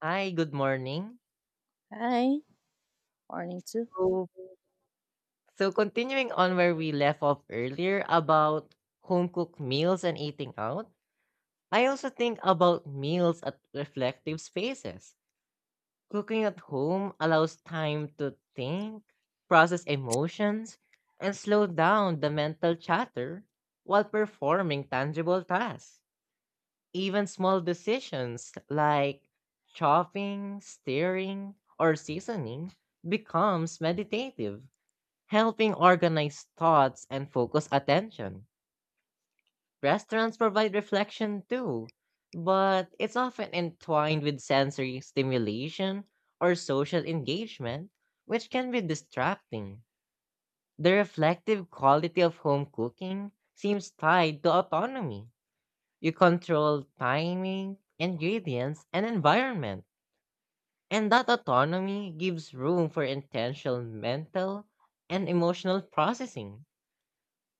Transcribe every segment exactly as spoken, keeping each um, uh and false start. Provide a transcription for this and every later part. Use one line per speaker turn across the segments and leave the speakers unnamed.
Hi, good morning.
Hi, morning too.
So, so continuing on where we left off earlier about home cooked meals and eating out, I also think about meals at reflective spaces. Cooking at home allows time to think, process emotions, and slow down the mental chatter while performing tangible tasks. Even small decisions like chopping, stirring, or seasoning becomes meditative helping organize thoughts and focus attention. Restaurants provide reflection too, but it's often entwined with sensory stimulation or social engagement, which can be distracting. The reflective quality of home cooking seems tied to autonomy. You control timing, ingredients, and environment, and that autonomy gives room for intentional mental and emotional processing.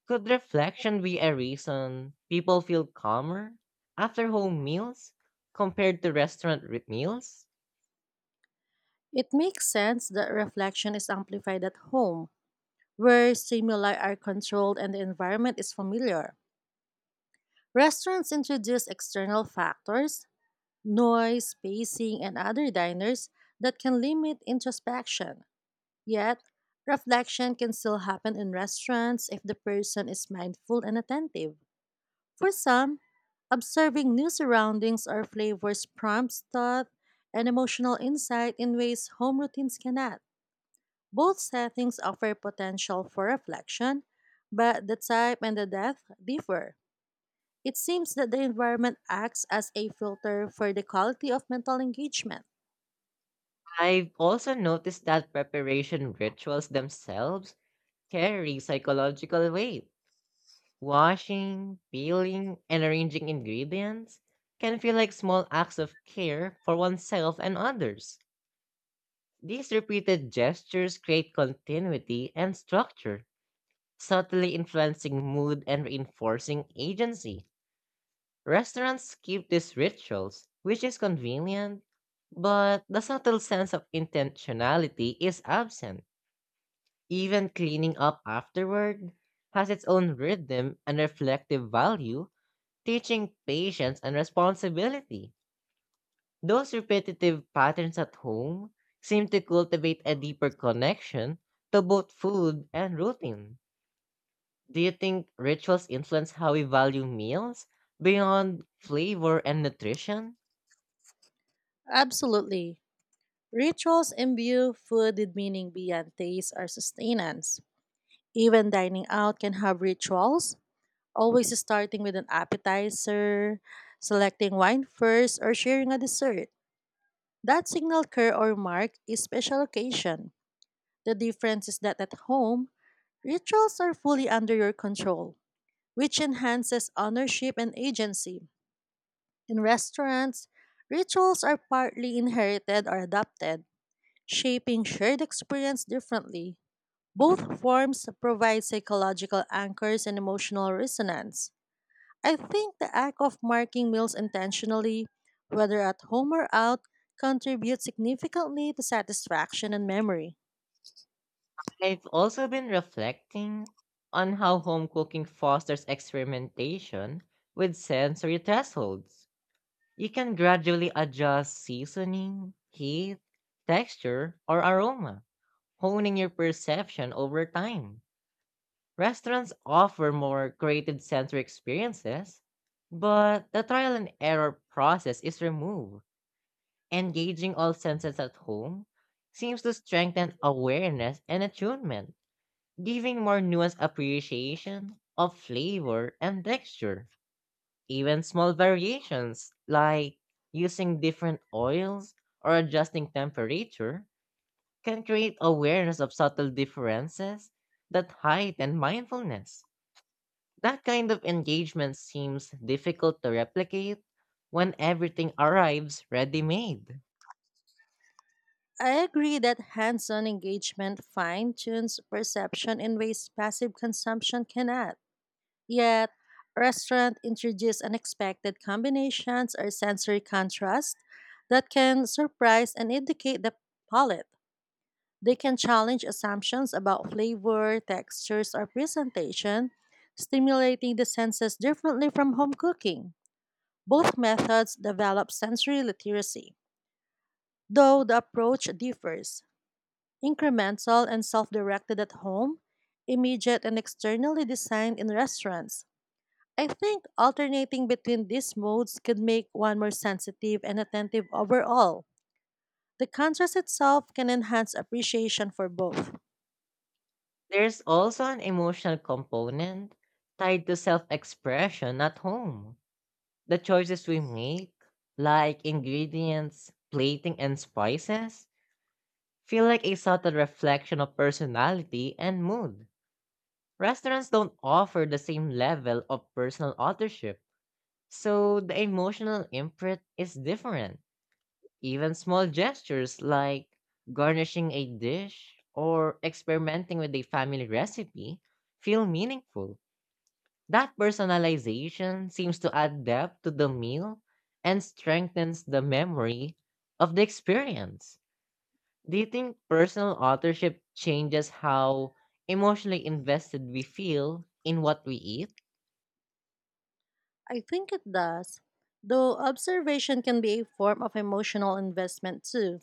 Could reflection be a reason people feel calmer after home meals compared to restaurant re- meals?
It makes sense that reflection is amplified at home, where stimuli are controlled and the environment is familiar. Restaurants introduce external factors, noise, spacing, and other diners that can limit introspection. Yet, reflection can still happen in restaurants if the person is mindful and attentive. For some, observing new surroundings or flavors prompts thought and emotional insight in ways home routines cannot. Both settings offer potential for reflection, but the type and the depth differ. It seems that the environment acts as a filter for the quality of mental engagement.
I've also noticed that preparation rituals themselves carry psychological weight. Washing, peeling, and arranging ingredients can feel like small acts of care for oneself and others. These repeated gestures create continuity and structure, subtly influencing mood and reinforcing agency. Restaurants keep these rituals, which is convenient, but the subtle sense of intentionality is absent. Even cleaning up afterward has its own rhythm and reflective value, teaching patience and responsibility. Those repetitive patterns at home seem to cultivate a deeper connection to both food and routine. Do you think rituals influence how we value meals beyond flavor and nutrition?
Absolutely. Rituals imbue food with meaning beyond taste or sustenance. Even dining out can have rituals, always starting with an appetizer, selecting wine first, or sharing a dessert. That signal care or mark is special occasion. The difference is that at home, rituals are fully under your control, which enhances ownership and agency. In restaurants, rituals are partly inherited or adapted, shaping shared experience differently. Both forms provide psychological anchors and emotional resonance. I think the act of marking meals intentionally, whether at home or out, contributes significantly to satisfaction and memory.
I've also been reflecting on how home cooking fosters experimentation with sensory thresholds. You can gradually adjust seasoning, heat, texture, or aroma, honing your perception over time. Restaurants offer more creative sensory experiences, but the trial and error process is removed. Engaging all senses at home seems to strengthen awareness and attunement giving more nuanced appreciation of flavor and texture. Even small variations, like using different oils or adjusting temperature, can create awareness of subtle differences that heighten mindfulness. That kind of engagement seems difficult to replicate when everything arrives ready made.
I agree that hands on engagement fine tunes perception in ways passive consumption cannot. Yet, restaurant introduce unexpected combinations or sensory contrast that can surprise and educate the palate. They can challenge assumptions about flavor, textures, or presentation, stimulating the senses differently from home cooking. Both methods develop sensory literacy, though the approach differs. Incremental and self directed at home, immediate and externally designed in restaurants. I think alternating between these modes could make one more sensitive and attentive overall. The contrast itself can enhance appreciation for both.
There's also an emotional component tied to self expression at home. The choices we make, like ingredients, plating, and spices, feel like a subtle reflection of personality and mood. Restaurants don't offer the same level of personal authorship, so the emotional imprint is different. Even small gestures like garnishing a dish or experimenting with a family recipe feel meaningful. That personalization seems to add depth to the meal and strengthens the memory of the experience. Do you think personal authorship changes how emotionally invested we feel in what we eat?
I think it does. Though observation can be a form of emotional investment too.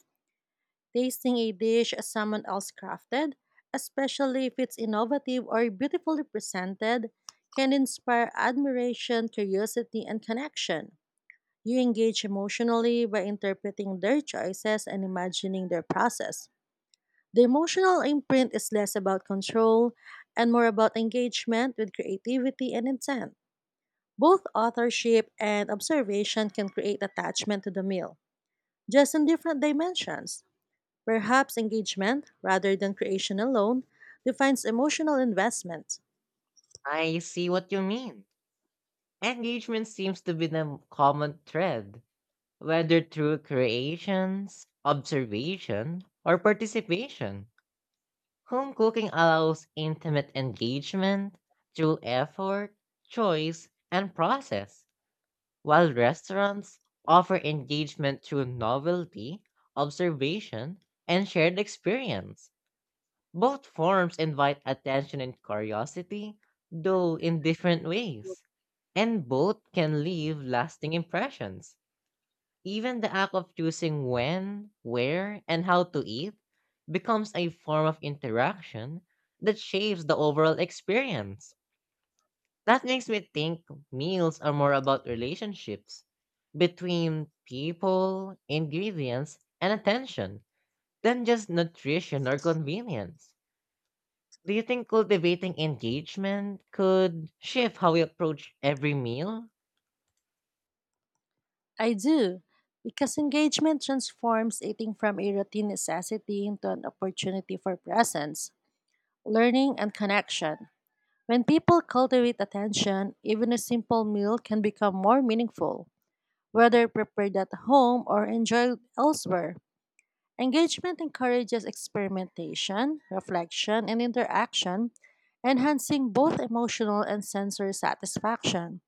Tasting a dish as someone else crafted, especially if it's innovative or beautifully presented, can inspire admiration, curiosity, and connection. You engage emotionally by interpreting their choices and imagining their process. The emotional imprint is less about control and more about engagement with creativity and intent. Both authorship and observation can create attachment to the meal, just in different dimensions. Perhaps engagement, rather than creation alone, defines emotional investment.
I see what you mean. Engagement seems to be the common thread, whether through creations, observation, or participation. Home cooking allows intimate engagement through effort, choice, and process, while restaurants offer engagement through novelty, observation, and shared experience. Both forms invite attention and curiosity, though in different ways, and both can leave lasting impressions. Even the act of choosing when, where, and how to eat becomes a form of interaction that shapes the overall experience. That makes me think meals are more about relationships between people, ingredients, and attention than just nutrition or convenience. Do you think cultivating engagement could shift how we approach every meal?
I do, because engagement transforms eating from a routine necessity into an opportunity for presence, learning, and connection. When people cultivate attention, even a simple meal can become more meaningful, whether prepared at home or enjoyed elsewhere. Engagement encourages experimentation, reflection, and interaction, enhancing both emotional and sensory satisfaction.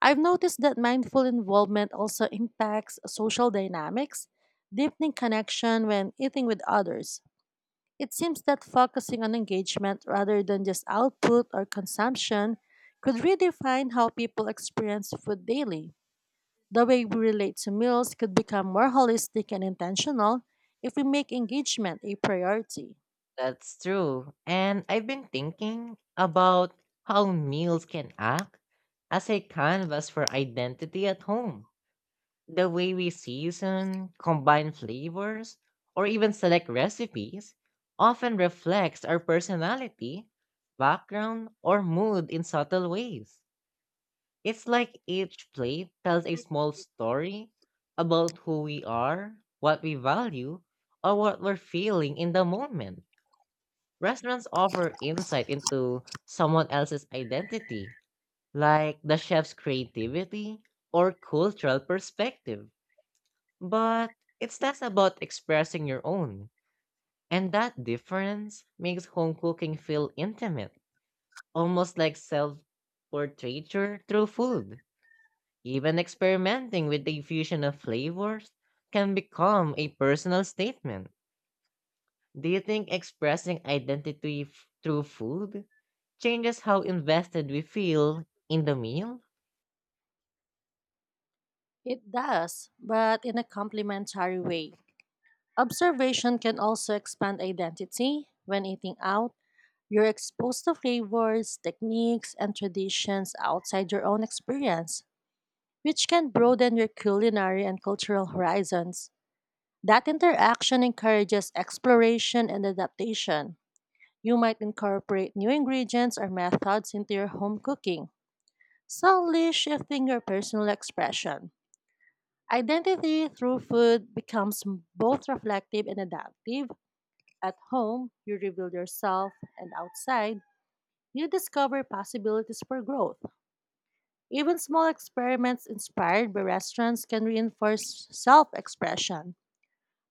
I've noticed that mindful involvement also impacts social dynamics, deepening connection when eating with others. It seems that focusing on engagement rather than just output or consumption could redefine how people experience food daily. The way we relate to meals could become more holistic and intentional if we make engagement a priority.
That's true. And I've been thinking about how meals can act as a canvas for identity at home. The way we season, combine flavors, or even select recipes often reflects our personality, background, or mood in subtle ways. It's like each plate tells a small story about who we are, what we value, or what we're feeling in the moment. Restaurants offer insight into someone else's identity, like the chef's creativity or cultural perspective. But it's less about expressing your own, and that difference makes home cooking feel intimate, almost like self portraiture through food. Even experimenting with the fusion of flavors can become a personal statement. Do you think expressing identity f- through food changes how invested we feel in the meal?
It does, but in a complementary way. Observation can also expand identity. When eating out, you're exposed to flavors, techniques, and traditions outside your own experience, which can broaden your culinary and cultural horizons. That interaction encourages exploration and adaptation. You might incorporate new ingredients or methods into your home cooking, subtly shifting your personal expression. Identity through food becomes both reflective and adaptive. At home, you reveal yourself, and outside, you discover possibilities for growth. Even small experiments inspired by restaurants can reinforce self expression.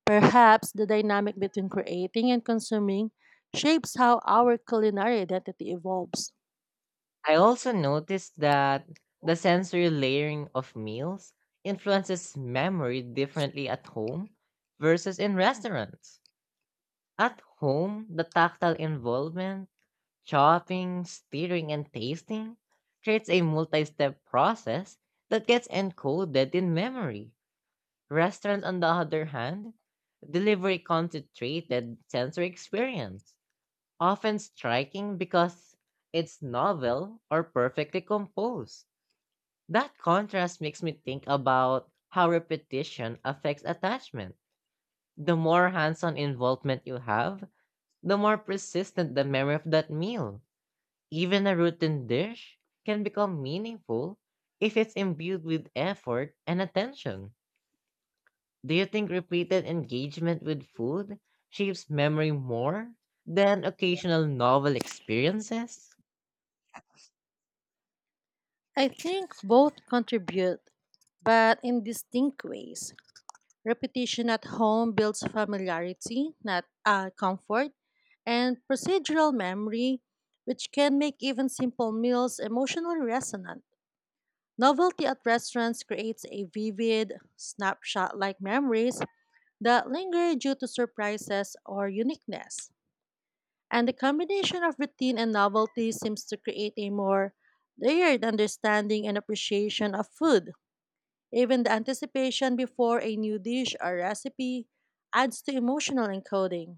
Perhaps the dynamic between creating and consuming shapes how our culinary identity evolves.
I also noticed that the sensory layering of meals influences memory differently at home versus in restaurants. At home, the tactile involvement, chopping, stirring, and tasting creates a multi step process that gets encoded in memory. Restaurants, on the other hand, deliver a concentrated sensory experience often striking because it's novel or perfectly composed. That contrast makes me think about how repetition affects attachment. The more hands on involvement you have, the more persistent the memory of that meal. Even a routine dish can become meaningful if it's imbued with effort and attention. Do you think repeated engagement with food shapes memory more than occasional novel experiences?
I think both contribute, but in distinct ways. Repetition at home builds familiarity, not uh, comfort, and procedural memory, which can make even simple meals emotionally resonant. Novelty at restaurants creates a vivid, snapshot like memories that linger due to surprises or uniqueness. And the combination of routine and novelty seems to create a more layered understanding and appreciation of food. Even the anticipation before a new dish or recipe adds to emotional encoding.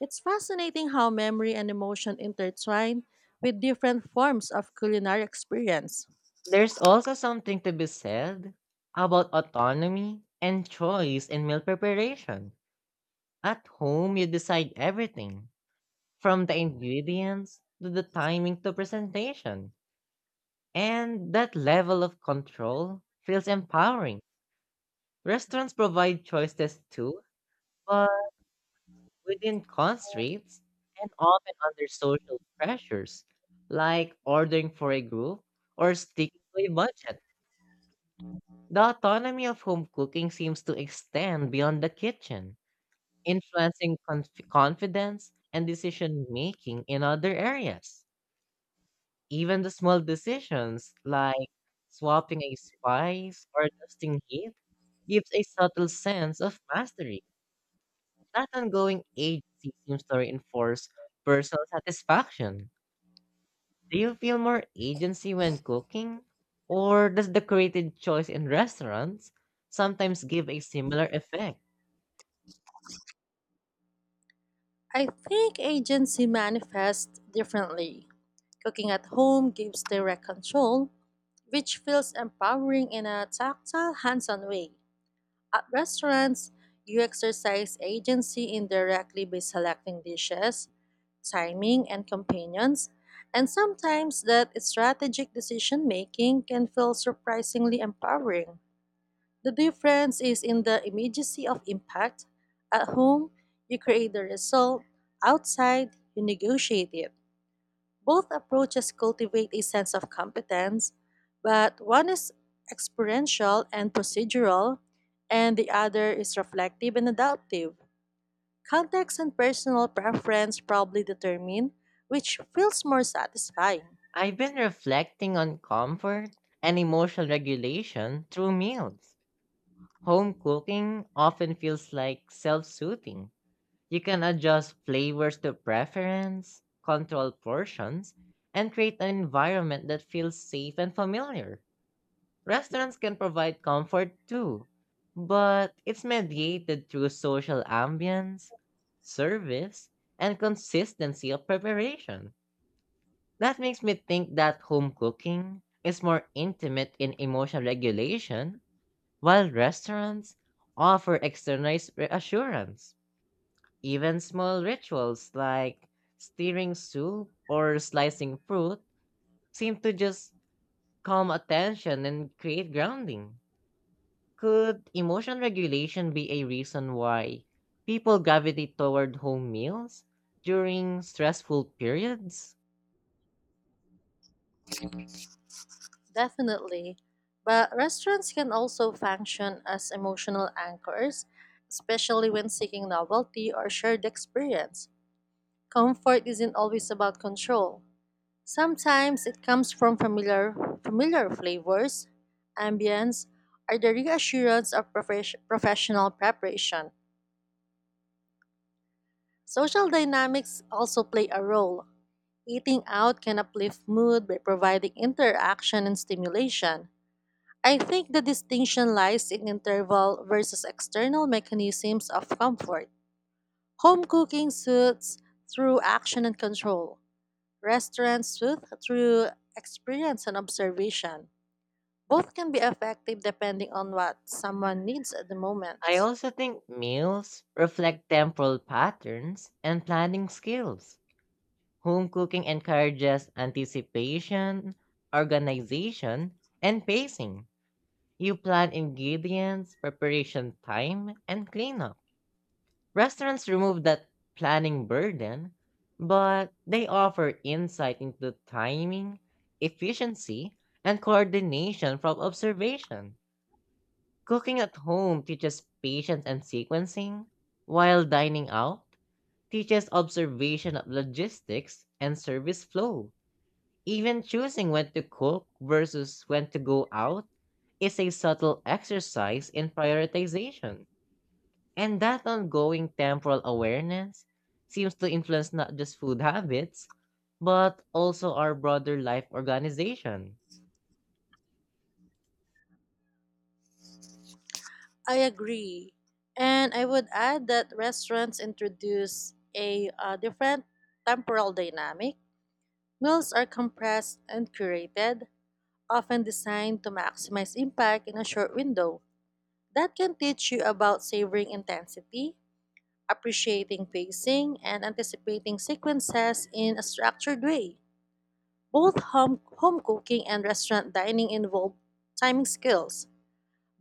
It's fascinating how memory and emotion intertwine with different forms of culinary experience.
There's also something to be said about autonomy and choice in meal preparation. At home, you decide everything from the ingredients to the timing to presentation. And that level of control feels empowering. Restaurants provide choices too, but within constraints and often under social pressures, like ordering for a group or sticking to a budget. The autonomy of home cooking seems to extend beyond the kitchen, influencing conf- confidence and decision making in other areas. Even the small decisions like swapping a spice or adjusting heat gives a subtle sense of mastery. That ongoing agency seems to reinforce personal satisfaction. Do you feel more agency when cooking? Or does the created choice in restaurants sometimes give a similar effect?
I think agency manifests differently. Cooking at home gives direct control, which feels empowering in a tactile, hands on way. At restaurants, you exercise agency indirectly by selecting dishes, timing, and companions, and sometimes that strategic decision making can feel surprisingly empowering. The difference is in the immediacy of impact. At home, you create the result, outside, you negotiate it. Both approaches cultivate a sense of competence, but one is experiential and procedural, and the other is reflective and adaptive. Context and personal preference probably determine which feels more satisfying.
I've been reflecting on comfort and emotional regulation through meals. Home cooking often feels like self soothing. You can adjust flavors to preference, control portions, and create an environment that feels safe and familiar. Restaurants can provide comfort too, but it's mediated through social ambience, service, and consistency of preparation. That makes me think that home cooking is more intimate in emotional regulation, while restaurants offer externalized reassurance. Even small rituals like stirring soup or slicing fruit seem to just calm attention and create grounding. Could emotional regulation be a reason why people gravitate toward home meals during stressful periods?
Definitely. But restaurants can also function as emotional anchors, especially when seeking novelty or shared experience. Comfort isn't always about control. Sometimes it comes from familiar, familiar flavors, ambience, or the reassurance of profes- professional preparation. Social dynamics also play a role. Eating out can uplift mood by providing interaction and stimulation. I think the distinction lies in interval versus external mechanisms of comfort. Home cooking soothes through action and control. Restaurants soothe through experience and observation. Both can be effective depending on what someone needs at the
I
moment.
also think meals reflect temporal patterns and planning skills. Home cooking encourages anticipation, organization, and pacing. You plan ingredients, preparation time, and cleanup. Restaurants remove that planning burden, but they offer insight into timing, efficiency, and coordination from observation. Cooking at home teaches patience and sequencing, while dining out teaches observation of logistics and service flow. Even choosing when to cook versus when to go out is a subtle exercise in prioritization. And that ongoing temporal awareness seems to influence not just food habits, but also our broader life organization.
I agree. And I would add that restaurants introduce a uh, different temporal dynamic. Meals are compressed and curated, often designed to maximize impact in a short window. That can teach you about savoring intensity, appreciating pacing, and anticipating sequences in a structured way. Both home, home cooking and restaurant dining involve timing skills,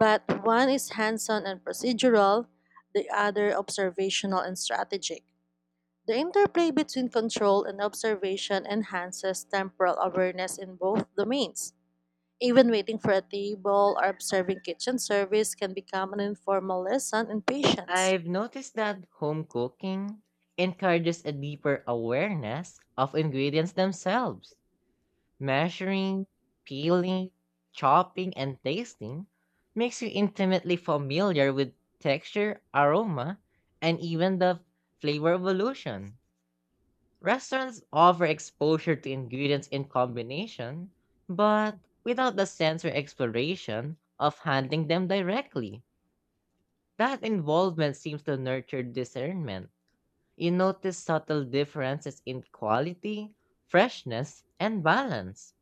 but one is hands on and procedural, the other observational and strategic. The interplay between control and observation enhances temporal awareness in both domains. Even waiting for a table or observing kitchen service can become an informal lesson in patience.
I've noticed that home cooking encourages a deeper awareness of ingredients themselves. Measuring, peeling, chopping, and tasting makes you intimately familiar with texture, aroma, and even the flavor evolution. Restaurants offer exposure to ingredients in combination, but without the sensory exploration of handling them directly. That involvement seems to nurture discernment you notice subtle differences in quality, freshness, and balance.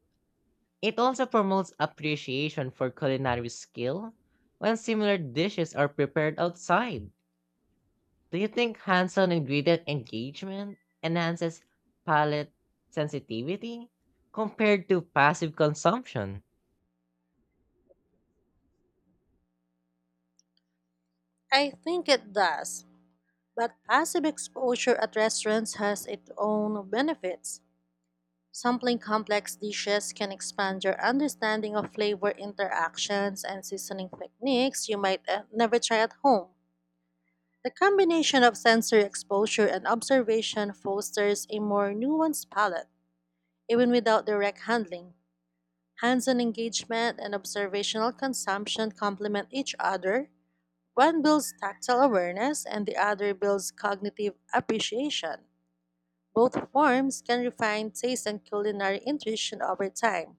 It also promotes appreciation for culinary skill when similar dishes are prepared outside. Do you think hands on ingredient engagement enhances palate sensitivity compared to passive consumption?
I think it does, but passive exposure at restaurants has its own benefits. Sampling complex dishes can expand your understanding of flavor interactions and seasoning techniques you might uh, never try at home. The combination of sensory exposure and observation fosters a more nuanced palate, even without direct handling. Hands on engagement and observational consumption complement each other. One builds tactile awareness, and the other builds cognitive appreciation. Both forms can refine taste and culinary intuition over time.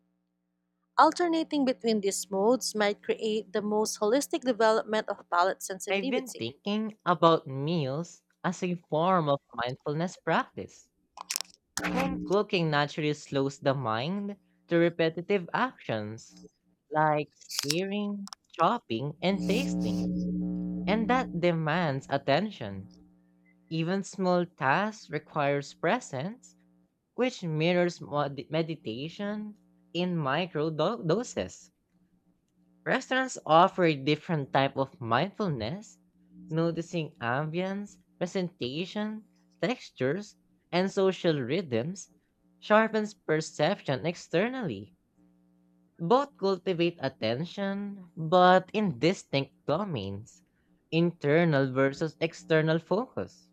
Alternating between these modes might create the most holistic development of palate
I've been
sensitivity.
thinking about meals as a form of mindfulness practice. Home cooking naturally slows the mind to repetitive actions like stirring, chopping, and tasting, and that demands attention. Even small tasks requires presence, which mirrors mod- meditation in micro do- doses. Restaurants offer a different type of mindfulness, noticing ambience, presentation, textures, and social rhythms sharpens perception externally. Both cultivate attention, but in distinct domains, internal versus external focus.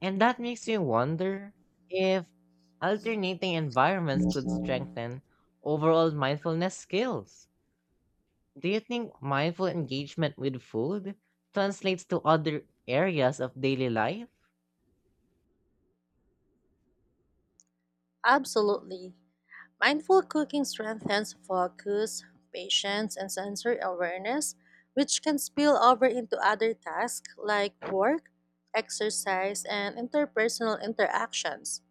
And that makes you wonder if alternating environments could strengthen overall mindfulness skills. Do you think mindful engagement with food translates to other areas of daily life?
Absolutely. Mindful cooking strengthens focus, patience, and sensory awareness, which can spill over into other tasks like work, exercise, and interpersonal interactions.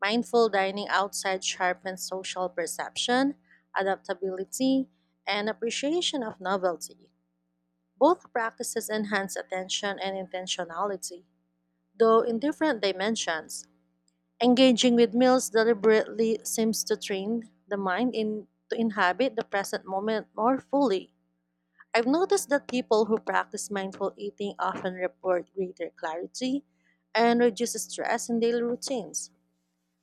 Mindful dining outside sharpens social perception, adaptability, and appreciation of novelty. Both practices enhance attention and intentionality, though in different dimensions. Engaging with meals deliberately seems to train the mind in to inhabit the present moment more fully. I've noticed that people who practice mindful eating often report greater clarity and reduce stress in daily routines.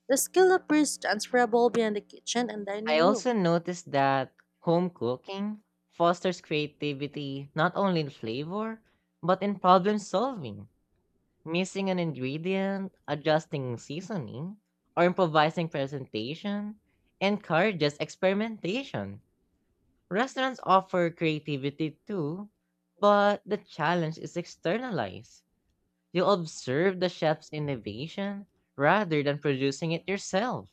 The skill appears transferable beyond the kitchen and
I
dining
also
room.
noticed that home cooking fosters creativity not only in flavor, but in problem solving. Missing an ingredient, adjusting seasoning, or improvising presentation encourages experimentation. Restaurants offer creativity too, but the challenge is externalized. You observe the chef's innovation rather than producing it yourself.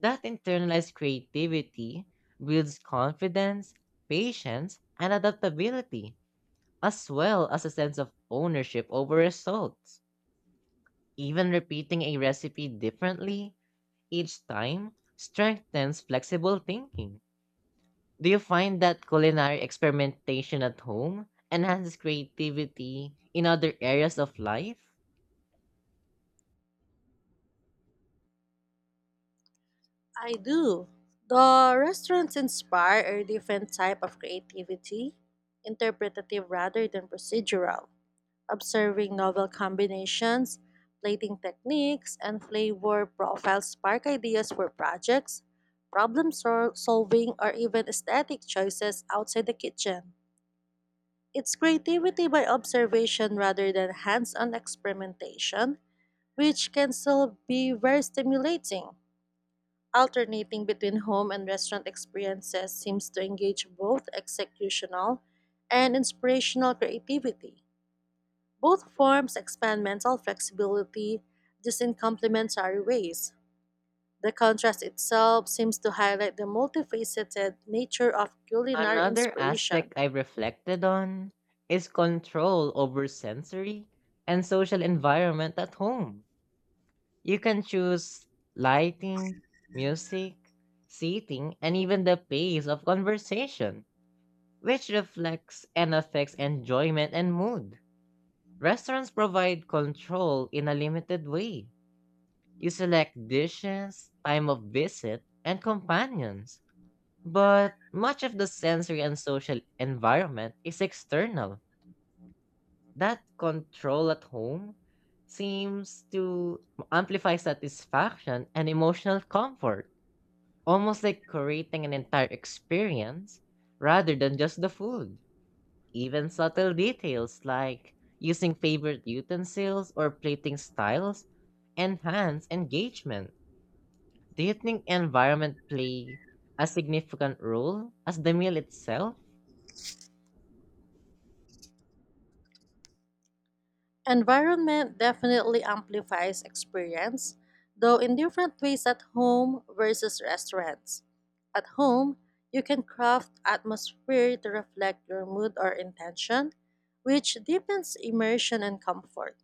That internalized creativity builds confidence, patience, and adaptability, as well as a sense of ownership over results. Even repeating a recipe differently each time strengthens flexible thinking. Do you find that culinary experimentation at home enhances creativity in other areas of life?
I do. The restaurants inspire a different type of creativity, interpretative rather than procedural, observing novel combinations, plating techniques, and flavor profiles spark ideas for projects, problem sol- solving, or even aesthetic choices outside the kitchen. It's creativity by observation rather than hands on experimentation, which can still be very stimulating. Alternating between home and restaurant experiences seems to engage both executional and inspirational creativity. Both forms expand mental flexibility, just in complementary ways. The contrast itself seems to highlight the multifaceted nature of culinary
Another aspect
inspiration.
I've reflected on is control over sensory and social environment at home. You can choose lighting, music, seating, and even the pace of conversation, which reflects and affects enjoyment and mood. Restaurants provide control in a limited way. You select dishes, time of visit, and companions but much of the sensory and social environment is external. That control at home seems to amplify satisfaction and emotional comfort, almost like creating an entire experience rather than just the food. Even subtle details like using favorite utensils or plating styles enhance engagement. Do you think environment play a significant role as the meal itself?
Environment definitely amplifies experience, though in different ways at home versus restaurants. At home, you can craft atmosphere to reflect your mood or intention, which deepens immersion and comfort.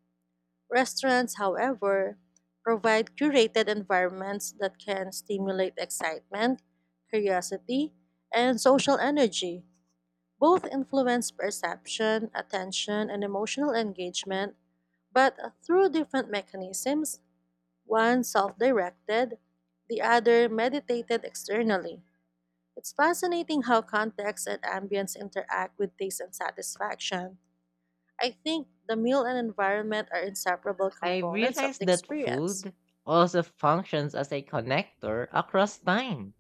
Restaurants, however, provide curated environments that can stimulate excitement, curiosity, and social energy. Both influence perception, attention, and emotional engagement but through different mechanisms, one self directed, the other meditated externally. It's fascinating how context and ambience interact with taste and satisfaction. I think the meal and environment are inseparable
I
components of the
realized that
experience.
food also functions as a connector across time.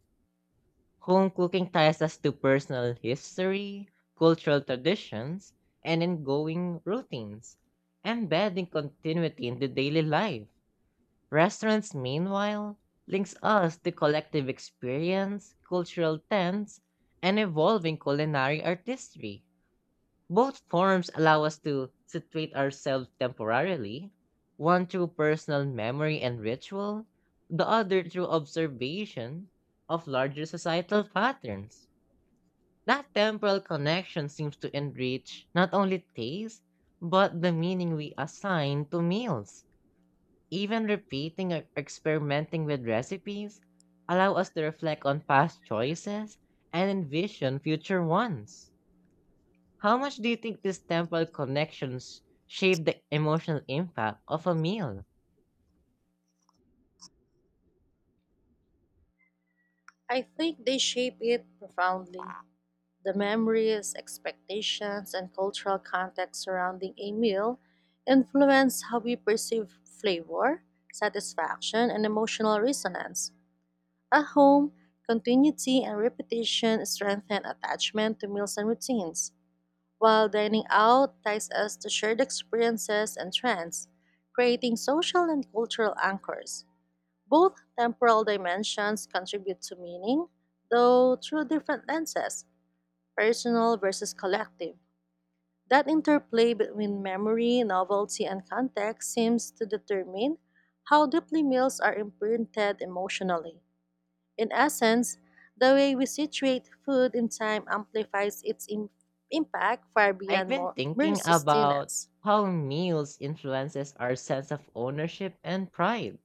Home cooking ties us to personal history, cultural traditions, and ongoing routines, embedding continuity into daily life. Restaurants, meanwhile, links us to collective experience, cultural trends, and evolving culinary artistry. Both forms allow us to situate ourselves temporarily, one through personal memory and ritual, the other through observation of larger societal patterns. That temporal connection seems to enrich not only taste, but the meaning we assign to meals. Even repeating or experimenting with recipes allow us to reflect on past choices and envision future ones. How much do you think these temporal connections shape the emotional impact of a meal?
I think they shape it profoundly. The memories, expectations, and cultural context surrounding a meal influence how we perceive flavor, satisfaction, and emotional resonance. At home, continuity and repetition strengthen attachment to meals and routines, while dining out ties us to shared experiences and trends, creating social and cultural anchors. Both temporal dimensions contribute to meaning, though through different lenses personal versus collective. That interplay between memory, novelty, and context seems to determine how deeply meals are imprinted emotionally. In essence, the way we situate food in time amplifies its im- impact far
I've
beyond
been
more, mere
thinking about
sustenance.
how meals influences our sense of ownership and pride.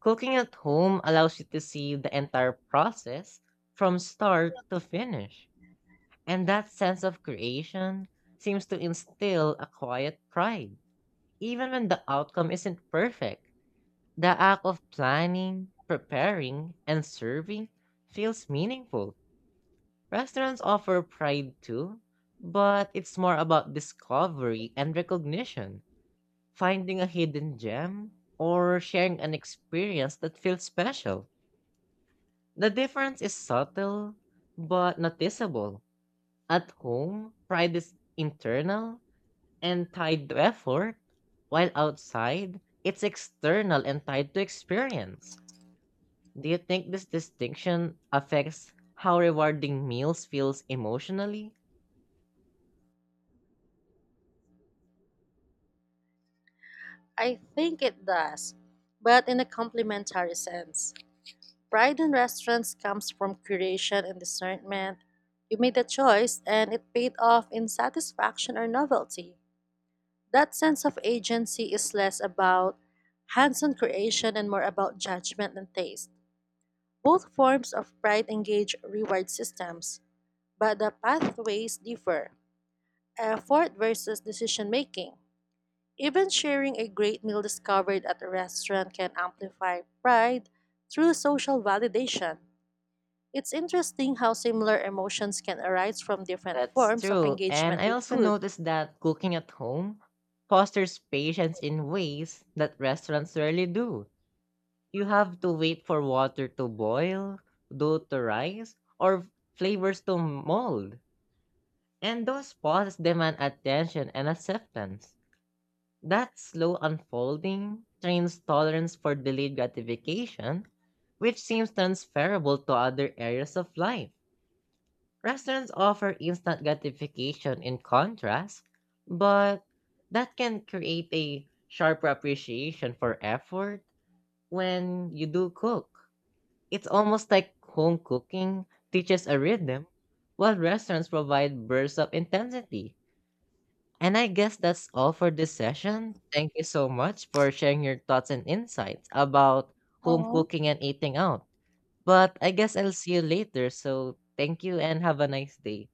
Cooking at home allows you to see the entire process from start to finish, and that sense of creation seems to instill a quiet pride, even when the outcome isn't perfect. The act of planning, preparing, and serving feels meaningful. Restaurants offer pride too, but it's more about discovery and recognition, finding a hidden gem, or sharing an experience that feels special. The difference is subtle, but noticeable. At home, pride is internal and tied to effort, while outside, it's external and tied to experience. Do you think this distinction affects how rewarding meals feels emotionally?
I think it does, but in a complementary sense. Pride in restaurants comes from curation and discernment. You made a choice and it paid off in satisfaction or novelty. That sense of agency is less about hands on creation and more about judgment and taste. Both forms of pride engage reward systems, but the pathways differ effort versus decision making. Even sharing a great meal discovered at a restaurant can amplify pride through social validation. It's interesting how similar emotions can arise from different
That's
forms of
true. And
engagement
I
with
also
food.
noticed that cooking at home fosters patience in ways that restaurants rarely do. You have to wait for water to boil, dough to rise, or flavors to mold. And those pauses demand attention and acceptance. That slow unfolding trains tolerance for delayed gratification, which seems transferable to other areas of life. Restaurants offer instant gratification in contrast, but that can create a sharper appreciation for effort when you do cook. It's almost like home cooking teaches a rhythm, while restaurants provide bursts of intensity. And I guess that's all for this session. Thank you so much for sharing your thoughts and insights about home
Hmm.
cooking and eating out. But I guess I'll see you later, so thank you and have a nice day.